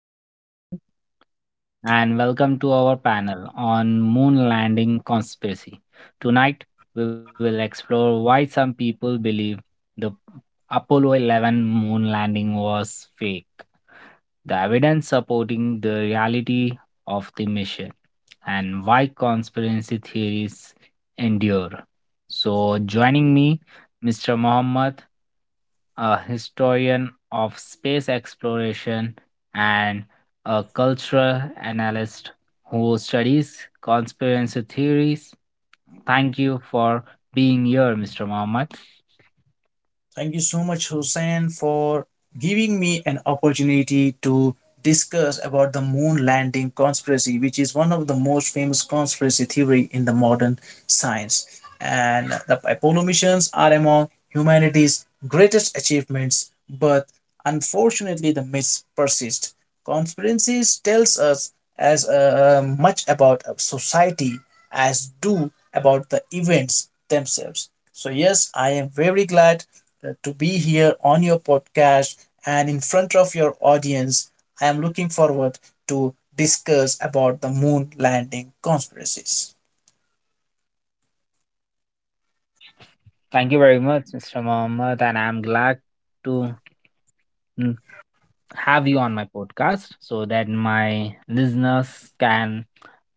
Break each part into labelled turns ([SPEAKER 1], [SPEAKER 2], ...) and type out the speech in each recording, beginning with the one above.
[SPEAKER 1] Hey, good evening, everyone, and welcome to our panel on moon landing conspiracy. Tonight, we will explore why some people believe the Apollo 11 moon landing was fake, the evidence supporting the reality of the mission, and why conspiracy theories endure. So, joining me, Mr. Mohammed, a historian of space exploration and a cultural analyst who studies conspiracy theories. Thank you for being here, Mr. Mohammed.
[SPEAKER 2] Thank you so much, Hussein, for giving me an opportunity to discuss about the moon landing conspiracy, which is one of the most famous conspiracy theory in the modern science, and the Apollo missions are among humanity's greatest achievements, but unfortunately the myths persist. Conspiracies tells us as much about a society as do about the events themselves. So yes, I am very glad to be here on your podcast and in front of your audience. I am looking forward to discuss about the moon landing conspiracies.
[SPEAKER 1] Thank you very much, Mr. Mohammed, and I'm glad to have you on my podcast so that my listeners can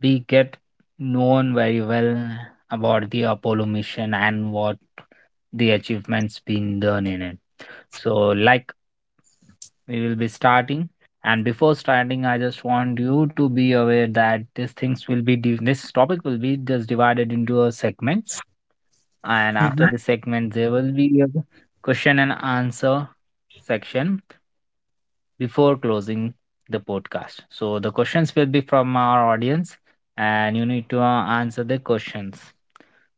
[SPEAKER 1] be get known very well about the Apollo mission and what the achievements been done in it. So like we will be starting, and before starting I just want you to be aware that these things will be this topic will be just divided into a segments, and after the segment there will be a question and answer section before closing the podcast. So the questions will be from our audience, and you need to answer the questions.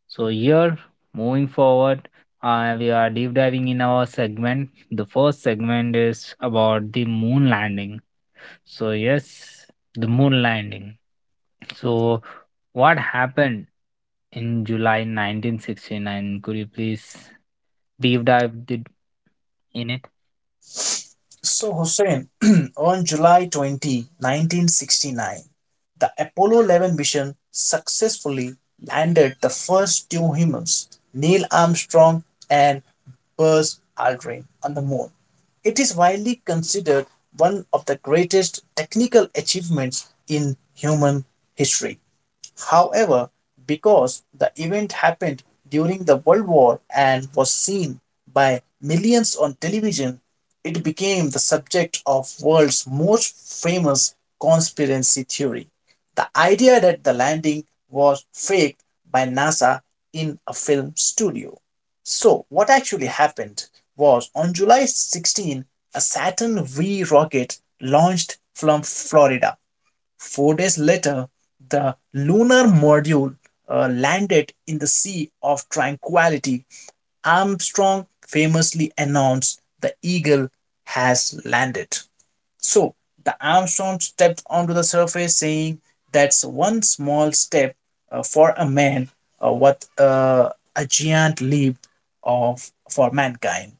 [SPEAKER 1] So here, moving forward, we are deep diving in our segment. The first segment is about the moon landing. So yes, the moon landing. So what happened in July 1969? Could you please deep dive in it?
[SPEAKER 2] So, Hussein, on July 20, 1969, the Apollo 11 mission successfully landed the first two humans, Neil Armstrong and Buzz Aldrin, on the moon. It is widely considered one of the greatest technical achievements in human history. However, because the event happened during the World War and was seen by millions on television, it became the subject of the world's most famous conspiracy theory. The idea that the landing was faked by NASA in a film studio. So, what actually happened was on July 16, a Saturn V rocket launched from Florida. 4 days later, the lunar module landed in the Sea of Tranquility. Armstrong famously announced, "The Eagle has landed." So the Armstrong stepped onto the surface, saying, "That's one small step for a man, what a giant leap of for mankind."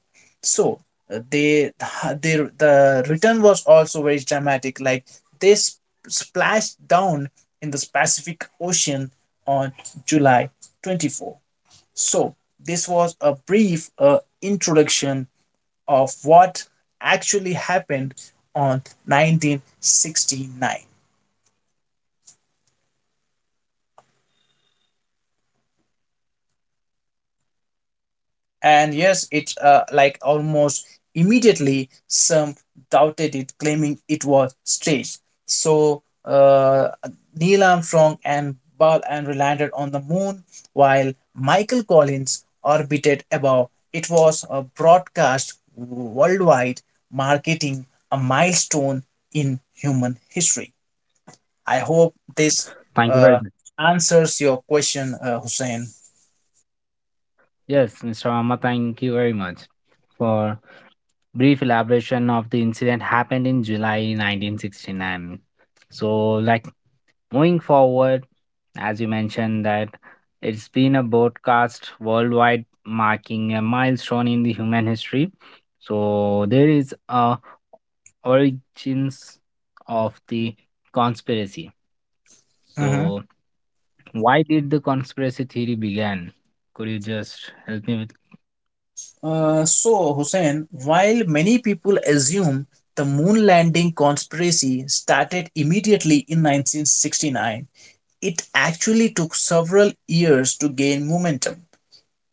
[SPEAKER 2] So uh, they, they the return was also very dramatic. Like they splashed down in the Pacific Ocean on July 24. So this was a brief introduction of what actually happened on 1969, and yes it's like almost immediately some doubted it claiming it was staged. So Neil Armstrong and Buzz Aldrin landed on the moon while Michael Collins orbited above. It was a broadcast worldwide marketing a milestone in human history. I hope this
[SPEAKER 1] Thank you very
[SPEAKER 2] uh,
[SPEAKER 1] much.
[SPEAKER 2] answers your question, Hussein.
[SPEAKER 1] Yes, Mr. Amma, thank you very much for brief elaboration of the incident happened in July 1969. So, like moving forward, as you mentioned, that it's been a broadcast worldwide marking a milestone in the human history. So, there is a origins of the conspiracy.
[SPEAKER 2] Mhm.
[SPEAKER 1] So, why did the conspiracy theory began? Could you just help me with?
[SPEAKER 2] So, Hussein, while many people assume the moon landing conspiracy started immediately in 1969, it actually took several years to gain momentum.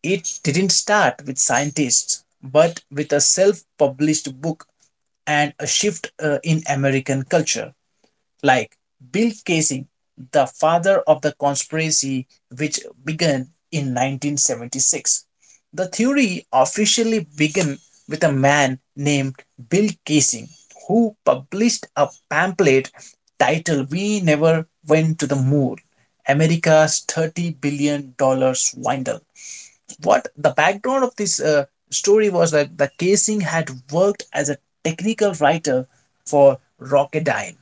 [SPEAKER 2] It didn't start with scientists, but with a self published book and a shift in American culture. Like Bill Casey, the father of the conspiracy, which began in 1976. The theory officially began with a man named Bill Casey who published a pamphlet titled "We Never Went to the Moon: America's $30 billion Swindle." What the background of this story was that the Casey had worked as a technical writer for Rocketdyne,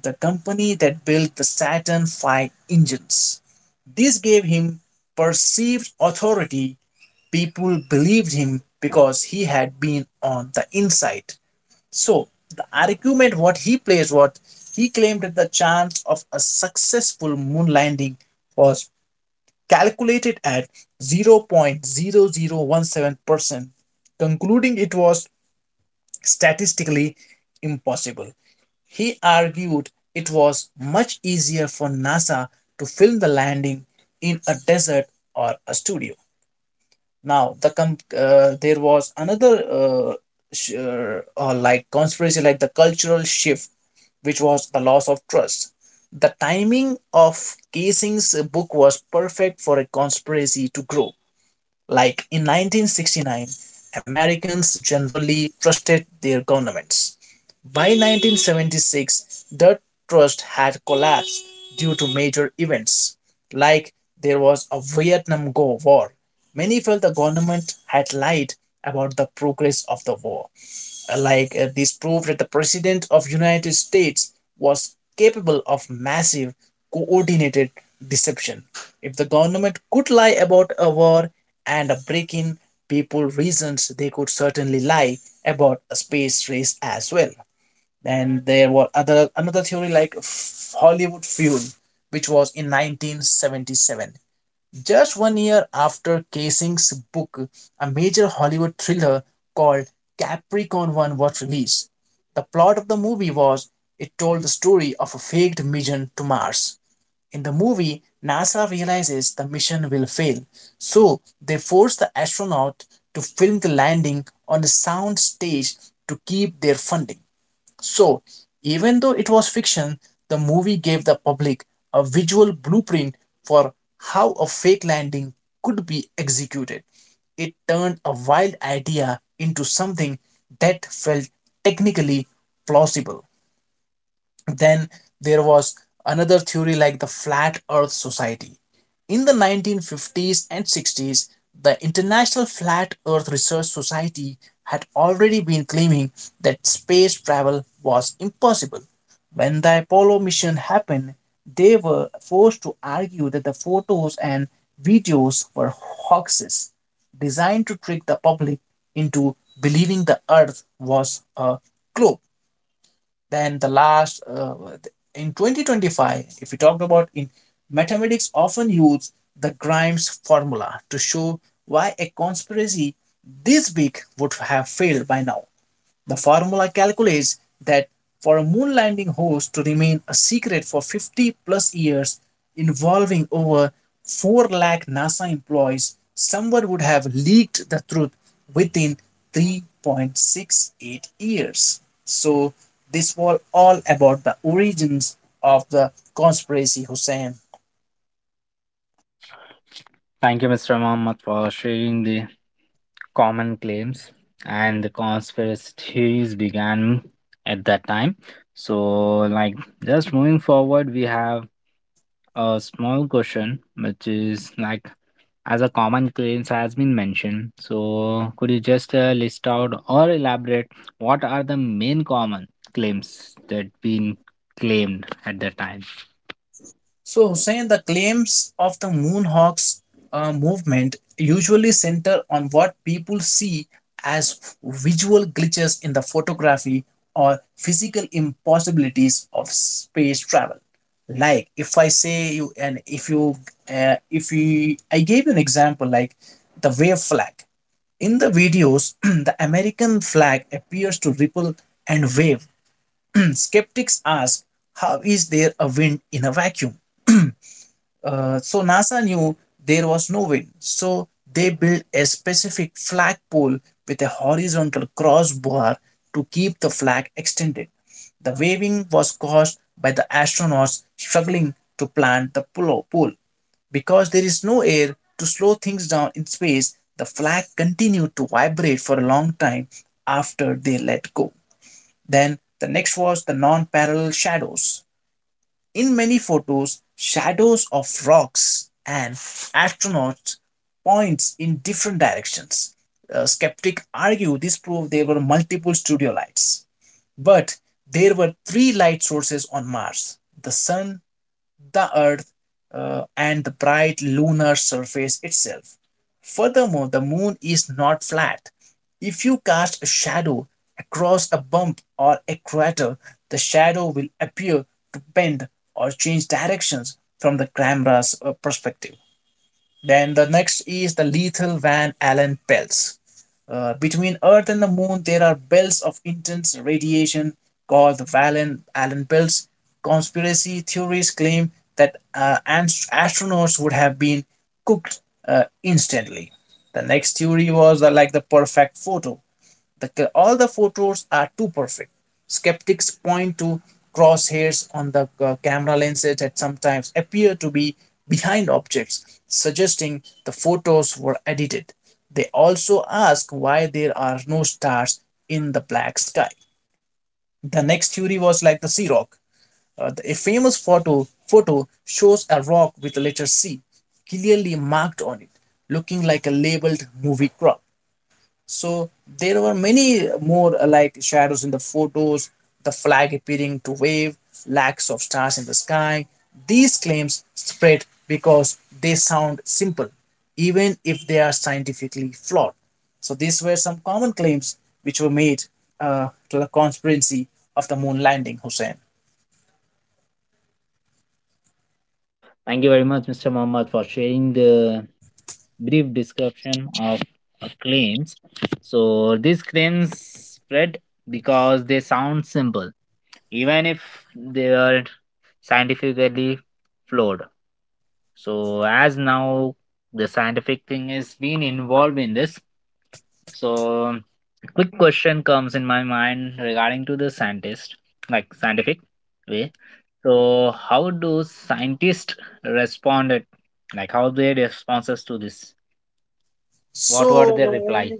[SPEAKER 2] the company that built the Saturn V engines. This gave him perceived authority. People believed him because he had been on the inside. So, the argument what he placed, what he claimed, that the chance of a successful moon landing was calculated at 0.0017%, concluding it was statistically impossible. He argued it was much easier for NASA to film the landing in a desert or a studio. Now, there was another or like conspiracy, like the cultural shift, which was the loss of trust. The timing of Casing's book was perfect for a conspiracy to grow. Like in 1969, Americans generally trusted their governments. By 1976, the trust had collapsed due to major events, like there was a Vietnam War. Many felt the government had lied about the progress of the war. This proved that the president of United States was capable of massive coordinated deception. If the government could lie about a war and a break-in, people reasons they could certainly lie about a space race as well. Then there were other another theory like Hollywood fuel, which was in 1977. Just 1 year after Kasing's book, a major Hollywood thriller called Capricorn One was released. The plot of the movie was it told the story of a faked mission to Mars. In the movie, NASA realizes the mission will fail, so they force the astronaut to film the landing on a sound stage to keep their funding. So, even though it was fiction, the movie gave the public a visual blueprint for how a fake landing could be executed. It turned a wild idea into something that felt technically plausible. Then there was another theory like the Flat Earth Society. In the 1950s and 60s, the International Flat Earth Research Society had already been claiming that space travel was impossible. When the Apollo mission happened, they were forced to argue that the photos and videos were hoaxes designed to trick the public into believing the Earth was a globe. Then the last, in 2025, if we talk about in mathematics, often use the Grimes formula to show why a conspiracy this big would have failed by now. The formula calculates that for a moon landing host to remain a secret for 50 plus years, involving over 4 lakh NASA employees, someone would have leaked the truth within 3.68 years. So, this was all about the origins of the conspiracy, Hussein.
[SPEAKER 1] Thank you, Mr. Mohammed, for sharing the common claims and the conspiracy theories began at that time. So, like, just moving forward, we have a small question which is like as a common claims has been mentioned. So, could you just list out or elaborate what are the main common claims that been claimed at that time?
[SPEAKER 2] So, Hussein, the claims of the Moonhawks movement usually center on what people see as visual glitches in the photography or physical impossibilities of space travel. Like if I say you, and if you, if we, I gave you an example like the wave flag. In the videos, the American flag appears to ripple and wave. Skeptics ask, how is there a wind in a vacuum? So NASA knew there was no wind. So they built a specific flagpole with a horizontal crossbar to keep the flag extended. The waving was caused by the astronauts struggling to plant the pole. Because there is no air to slow things down in space, the flag continued to vibrate for a long time after they let go. Then the next was the non parallel shadows. In many photos, shadows of rocks and astronauts points in different directions. Skeptics argue this proved there were multiple studio lights, but there were three light sources on Mars: the sun, the Earth, and the bright lunar surface itself. Furthermore, the moon is not flat. If you cast a shadow across a bump or a crater, the shadow will appear to bend or change directions from the camera's perspective. Then the next is the lethal Van Allen belts. Between Earth and the Moon, there are belts of intense radiation called the Van Allen belts. Conspiracy theories claim that astronauts would have been cooked instantly. The next theory was the, like the perfect photo. The, all the photos are too perfect. Skeptics point to crosshairs on the camera lenses that sometimes appear to be behind objects, suggesting the photos were edited. They also ask why there are no stars in the black sky. The next theory was like the sea rock. A famous photo shows a rock with the letter C clearly marked on it, looking like a labeled movie prop. So there were many more, like shadows in the photos, the flag appearing to wave, lacks of stars in the sky. These claims spread because they sound simple, even if they are scientifically flawed. So these were some common claims which were made to the conspiracy of the moon landing, Hussein.
[SPEAKER 1] Thank you very much, Mr. Mohammed, for sharing the brief description of claims. So these claims spread because they sound simple, even if they are scientifically flawed. So as now the scientific thing is being involved in this. So quick question comes in my mind regarding to the scientist, like scientific way. So how do scientists responded? Like how their responses to this?
[SPEAKER 2] So
[SPEAKER 1] What were their replies?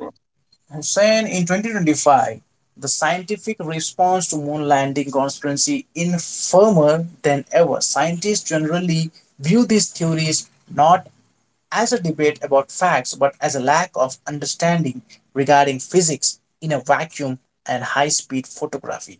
[SPEAKER 2] Hussain, in 2025, the scientific response to moon landing conspiracy is firmer than ever. Scientists generally view these theories not as a debate about facts, but as a lack of understanding regarding physics in a vacuum and high speed photography.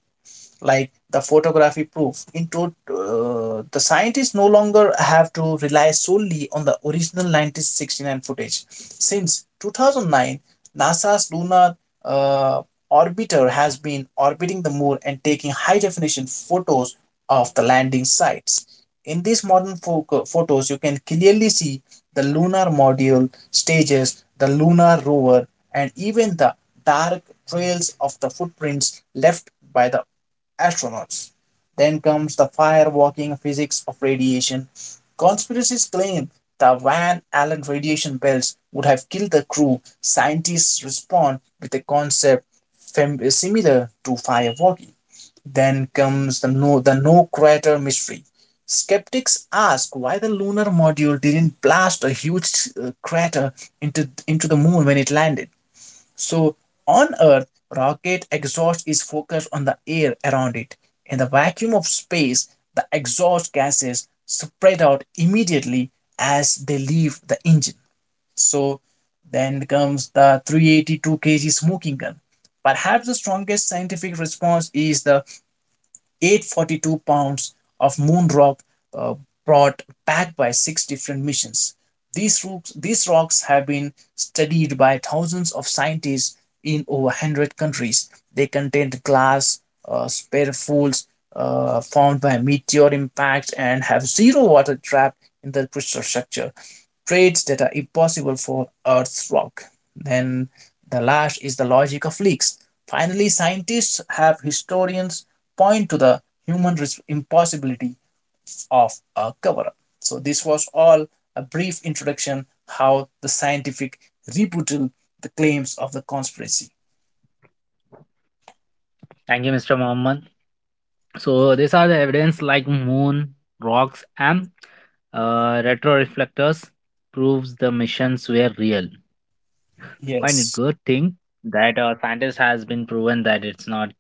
[SPEAKER 2] Like the photography proof into, the scientists no longer have to rely solely on the original 1969 footage. Since 2009, NASA's lunar uh, orbiter has been orbiting the moon and taking high definition photos of the landing sites. In these modern photos you can clearly see the lunar module stages, the lunar rover, and even the dark trails of the footprints left by the astronauts. Then comes the firewalking physics of radiation. Conspiracies claim the Van Allen radiation belts would have killed the crew. Scientists respond with a concept similar to firewalking. Then comes the no crater mystery. Skeptics ask why the lunar module didn't blast a huge crater into the moon when it landed. So on Earth, rocket exhaust is focused on the air around it. In the vacuum of space, the exhaust gases spread out immediately as they leave the engine. So then comes the 382 kg smoking gun. Perhaps the strongest scientific response is the 842 pounds of moon rock uh, brought back by six different missions. These rocks have been studied by thousands of scientists in over 100 countries. They contain glass, spare fools formed by meteor impact and have zero water trapped in the crystal structure, traits that are impossible for Earth's rock. Then the last is the logic of leaks. Finally, scientists have historians point to the human impossibility of a cover up. So this was all a brief introduction how the scientific rebuttal the claims of the conspiracy.
[SPEAKER 1] Thank you, Mr. Mohammed. So these are the evidence like moon, rocks, and retroreflectors proves the missions were real. Quite a
[SPEAKER 2] Yes.
[SPEAKER 1] good thing that a scientist has been proven that it's not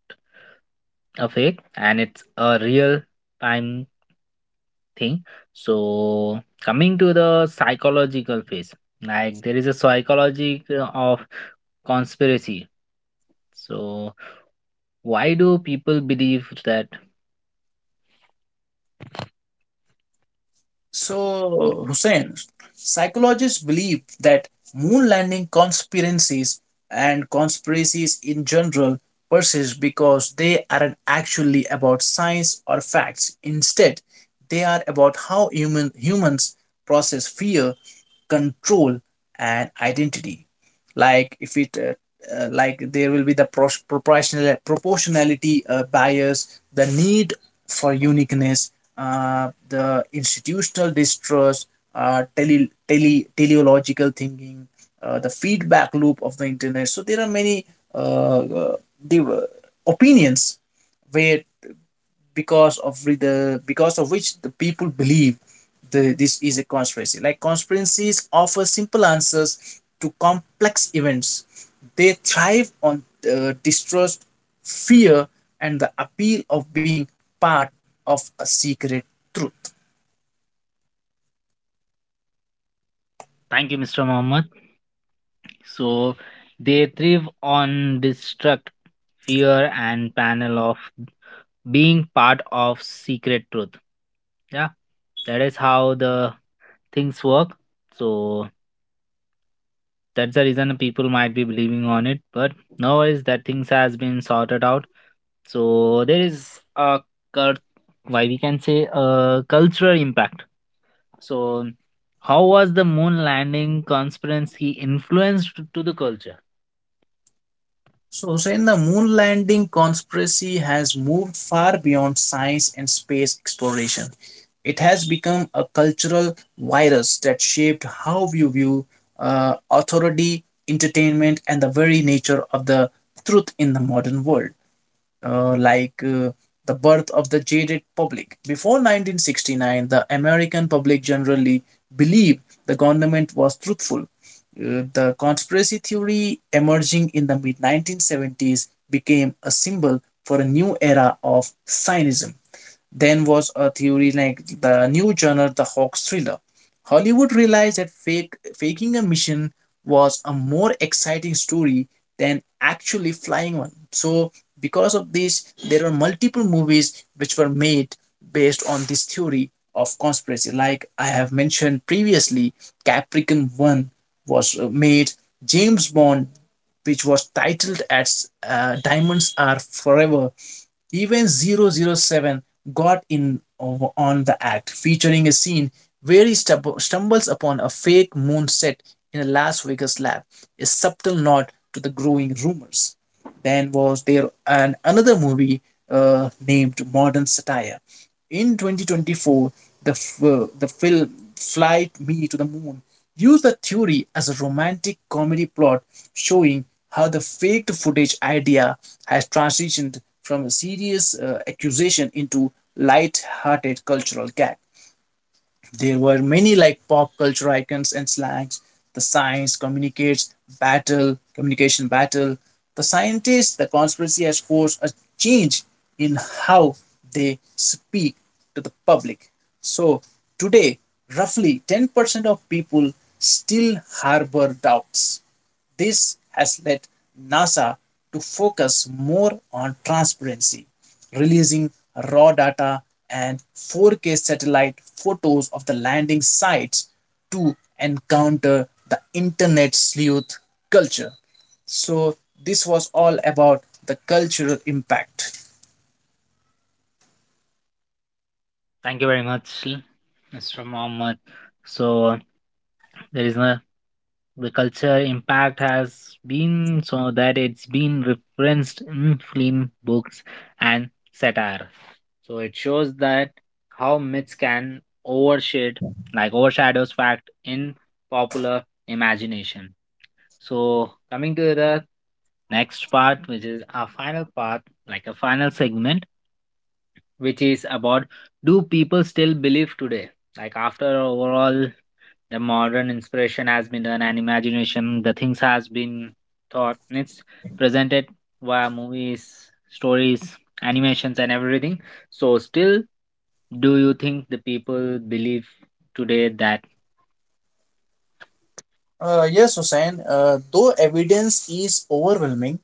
[SPEAKER 1] a fake and it's a real time thing. So coming to the psychological phase, like there is a psychology of conspiracy. So why do people believe that?
[SPEAKER 2] So, Hussein, psychologists believe that moon landing conspiracies and conspiracies in general persist because they aren't actually about science or facts. Instead, they are about how humans process fear, control, and identity like if it like there will be the proportionality bias, the need for uniqueness, the institutional distrust, teleological thinking, the feedback loop of the internet. So there are many uh, uh, opinions where because of which the people believe this is a conspiracy. Like conspiracies offer simple answers to complex events. They thrive on distrust, fear, and the appeal of being part of a secret truth.
[SPEAKER 1] Thank you, Mr. Mohammed. So they thrive on distrust, fear, and panel of being part of secret truth. Yeah, that is how the things work. So that's the reason people might be believing on it. But no worries, that things has been sorted out. So there is a cult, why we can say a cultural impact. So how was the moon landing conspiracy influenced to the culture?
[SPEAKER 2] So, Hussein, the moon landing conspiracy has moved far beyond science and space exploration. It has become a cultural virus that shaped how we view authority, entertainment, and the very nature of the truth in the modern world, uh, like uh, the birth of the jaded public. Before 1969, the American public generally believed the government was truthful. The conspiracy theory emerging in the mid 1970s became a symbol for a new era of Zionism. Then was a theory like the new genre, the hoax thriller. Hollywood realized that faking a mission was a more exciting story than actually flying one. So, because of this, there were multiple movies which were made based on this theory of conspiracy. Like I have mentioned previously, Capricorn 1 was made. James Bond, which was titled as Diamonds Are Forever, even 007 got in on the act, featuring a scene where he stumbles upon a fake moon set in a Las Vegas lab, a subtle nod to the growing rumors. Then was there an another movie named Modern Satire in 2024. The the film *Fly Me to the Moon used the theory as a romantic comedy plot showing how the fake footage idea has transitioned from a serious accusation into light-hearted cultural gag. There were many like pop culture icons and slangs. The communication battle. The scientists, the conspiracy has forced a change in how they speak to the public. So today, roughly 10% of people still harbor doubts. This has led NASA to focus more on transparency, releasing raw data and 4K satellite photos of the landing sites to encounter the internet sleuth culture. So, this was all about the cultural impact.
[SPEAKER 1] Thank you very much, Mr. Mohammed. So there is a the culture impact has been so that it's been referenced in film, books, and satire. So it shows that how myths can overshade, like overshadows fact in popular imagination. So coming to the next part, which is our final part, like a final segment, which is about do people still believe today? Like after overall the modern inspiration has been done and imagination, the things has been thought and it's presented via movies, stories, animations, and everything. So still, do you think the people believe today that?
[SPEAKER 2] Yes, Hussain, though evidence is overwhelming,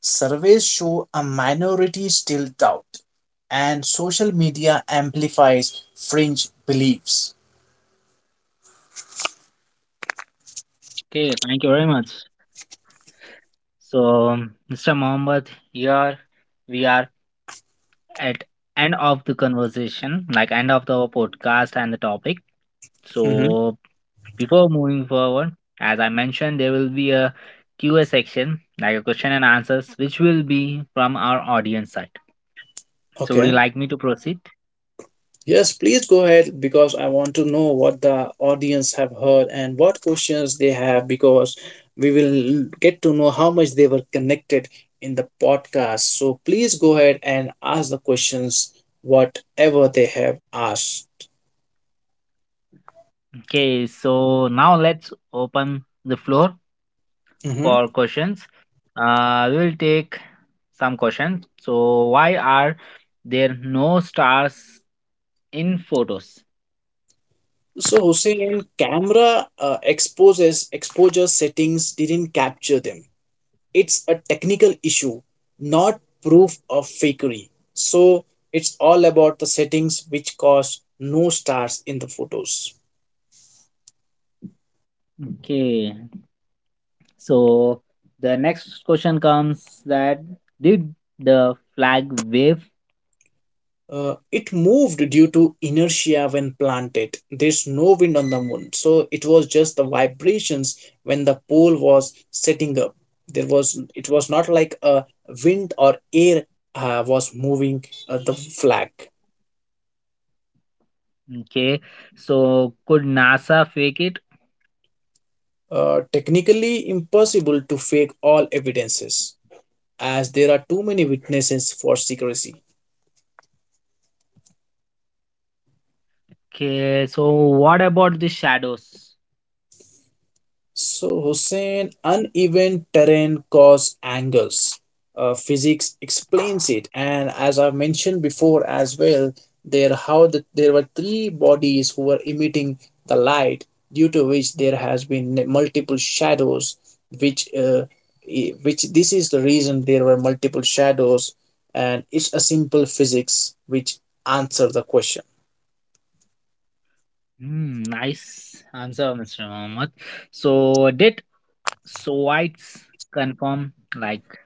[SPEAKER 2] surveys show a minority still doubt, and social media amplifies fringe beliefs.
[SPEAKER 1] Okay, thank you very much. So, Mr. Mohammed, here we are at end of the conversation, like end of the podcast and the topic.
[SPEAKER 2] Mm-hmm.
[SPEAKER 1] So before moving forward, as I mentioned, there will be a QA section, like a question and answers, which will be from our audience side. So would you
[SPEAKER 2] Okay.
[SPEAKER 1] like me to proceed?
[SPEAKER 2] Yes, please go ahead because I want to know what the audience have heard and what questions they have, because we will get to know how much they were connected in the podcast. So please go ahead and ask the questions whatever they have asked.
[SPEAKER 1] Okay, so now let's open the floor
[SPEAKER 2] Mhm.
[SPEAKER 1] for questions. We will take some questions. So why are there no stars in photos?
[SPEAKER 2] So Hussein, camera exposes exposure settings didn't capture them. It's a technical issue, not proof of fakery. So it's all about the settings which cause no stars in the photos.
[SPEAKER 1] Okay. So the next question comes that did the flag wave?
[SPEAKER 2] It moved due to inertia when planted. There's no wind on the moon, so it was just the vibrations when the pole was setting up. There was It was not like a wind or air was moving the flag.
[SPEAKER 1] Okay, so could NASA fake it?
[SPEAKER 2] Technically impossible to fake all evidences, as there are too many witnesses for secrecy.
[SPEAKER 1] Okay, so what about the shadows?
[SPEAKER 2] So, Hussein, uneven terrain cause angles. Physics explains it, and as I've mentioned before as well, there were three bodies who were emitting the light, due to which there has been multiple shadows, which uh, which this is the reason there were multiple shadows, and it's a simple physics which answer the question.
[SPEAKER 1] Hmm, nice answer, Mr. Mohammed. So did Soviets confirm? Like,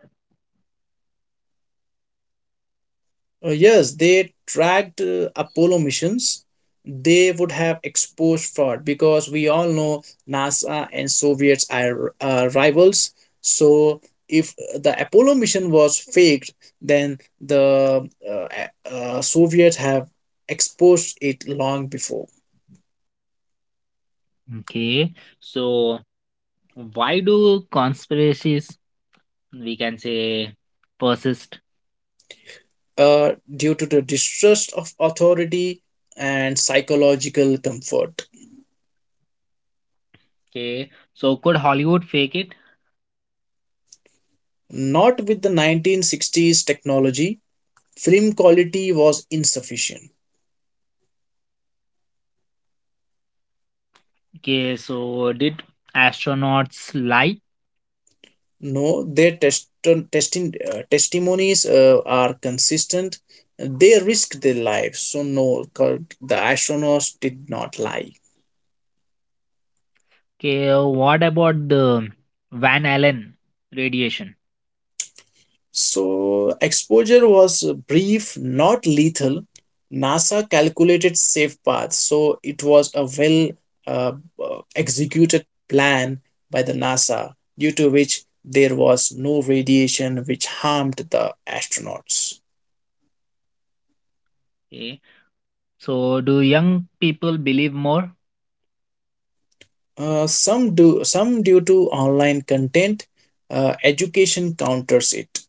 [SPEAKER 2] Yes, they tracked Apollo missions. They would have exposed fraud because we all know NASA and Soviets are rivals. So if the Apollo mission was faked, then the Soviets have exposed it long before.
[SPEAKER 1] okay, so why do conspiracies, we can say, persist?
[SPEAKER 2] Due to the distrust of authority and psychological comfort.
[SPEAKER 1] Okay, so could Hollywood fake it?
[SPEAKER 2] Not with the 1960s technology, film quality was insufficient.
[SPEAKER 1] Okay, so did astronauts lie?
[SPEAKER 2] No, their test- testing testimonies are consistent. They risked their lives, so no, cor- the astronauts did not lie.
[SPEAKER 1] Okay, what about the Van Allen radiation?
[SPEAKER 2] So exposure was brief, not lethal. NASA calculated safe paths, so it was a well uh, executed plan by the NASA, due to which there was no radiation which harmed the astronauts.
[SPEAKER 1] Okay, so do young people believe more?
[SPEAKER 2] Some do some due to online content. Education counters it.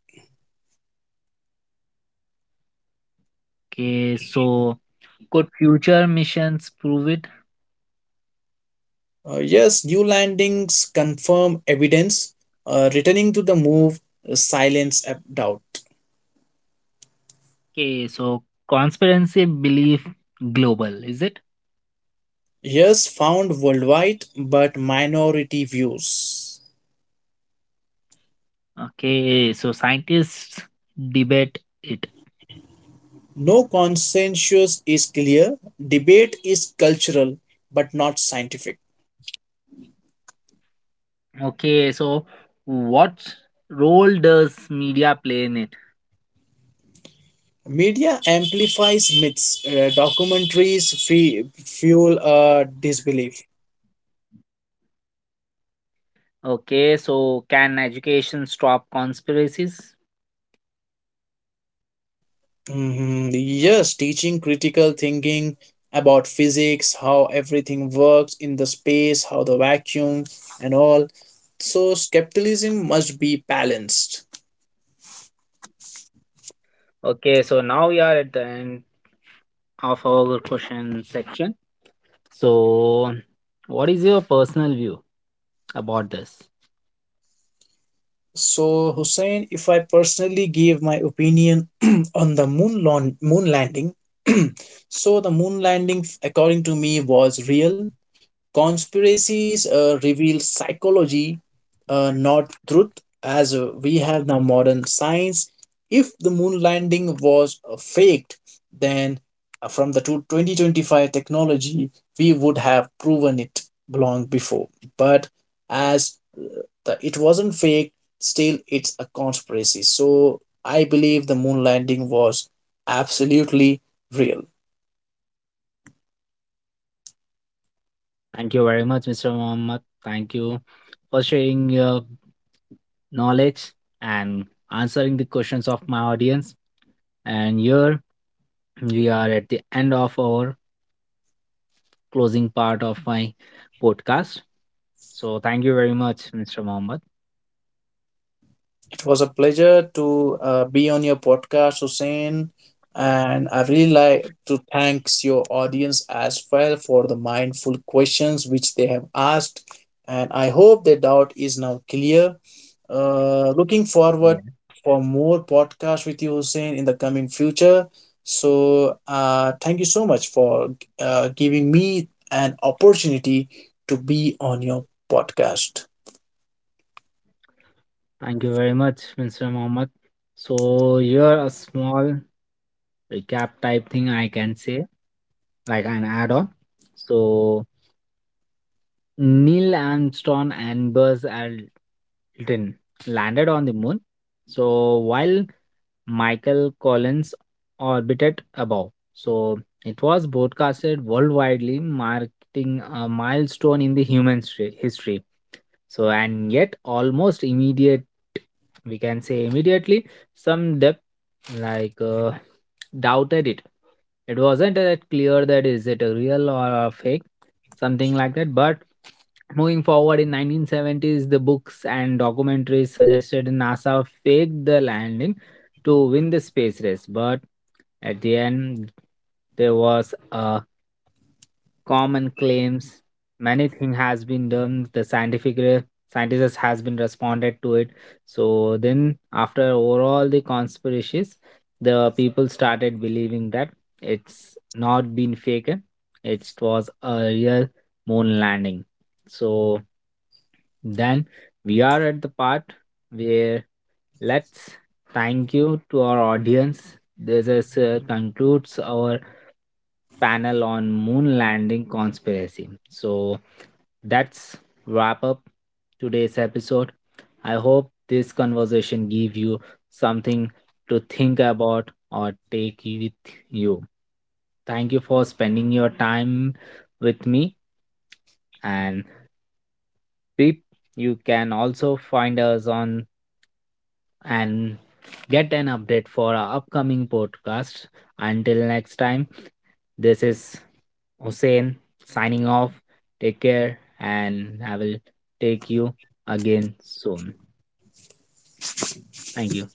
[SPEAKER 1] Okay, so could future missions prove it?
[SPEAKER 2] Yes, new landings confirm evidence. Returning to the move silence doubt.
[SPEAKER 1] Okay, so conspiracy belief global, is it?
[SPEAKER 2] Yes, found worldwide but minority views.
[SPEAKER 1] Okay, so scientists debate it.
[SPEAKER 2] No, consensus is clear. Debate is cultural but not scientific.
[SPEAKER 1] Okay, so what role does media play in it?
[SPEAKER 2] Media amplifies myths. Documentaries fuel disbelief.
[SPEAKER 1] Okay, so can education stop conspiracies?
[SPEAKER 2] Mhm. Yes, teaching critical thinking about physics, how everything works in the space, how the vacuum and all. So, skepticism must be balanced.
[SPEAKER 1] Okay, so now we are at the end of our question section. So, what is your personal view about this?
[SPEAKER 2] So, Hussein, if I personally give my opinion on the moon landing, so the moon landing, according to me, was real. Conspiracies reveal psychology, not truth, as we have now modern science. If the moon landing was faked, then from the two 2025 technology, we would have proven it long before. But as the, it wasn't fake, still it's a conspiracy. So I believe the moon landing was absolutely real.
[SPEAKER 1] Thank you very much, Mr. Mohammed. Thank you for sharing your knowledge and answering the questions of my audience. And here we are at the end of our closing part of my podcast. So, thank you very much, Mr. Mohammed.
[SPEAKER 2] It was a pleasure to be on your podcast, Hussein. And I really like to thanks your audience as well for the mindful questions which they have asked. And I hope the doubt is now clear. Looking forward
[SPEAKER 1] Yeah.
[SPEAKER 2] for more podcasts with you, Hussein, in the coming future. So thank you so much for giving me an opportunity to be on your podcast.
[SPEAKER 1] Thank you very much, Mr. Mohammed. So here a small recap type thing I can say, like an add-on. So Neil Armstrong and Buzz Aldrin landed on the moon. So while Michael Collins orbited above. So it was broadcasted worldwide, marking a milestone in the human history. So and yet almost immediate, we can say immediately, some depth like doubted it. It wasn't that clear that is it a real or a fake, something like that. But moving forward in 1970s, the books and documentaries suggested NASA faked the landing to win the space race, but at the end, there was a common claims. Many thing has been done. The scientists has been responded to it. So then, after overall the conspiracies, the people started believing that it's not been fake. It was a real moon landing. So then we are at the part where let's thank you to our audience. This is, concludes our panel on moon landing conspiracy. So that's wrap up today's episode. I hope this conversation gave you something to think about or take with you. Thank you for spending your time with me and Pip. You can also find us on and get an update for our upcoming podcast. Until next time, this is Hussein signing off. Take care, and I will take you again soon. Thank you.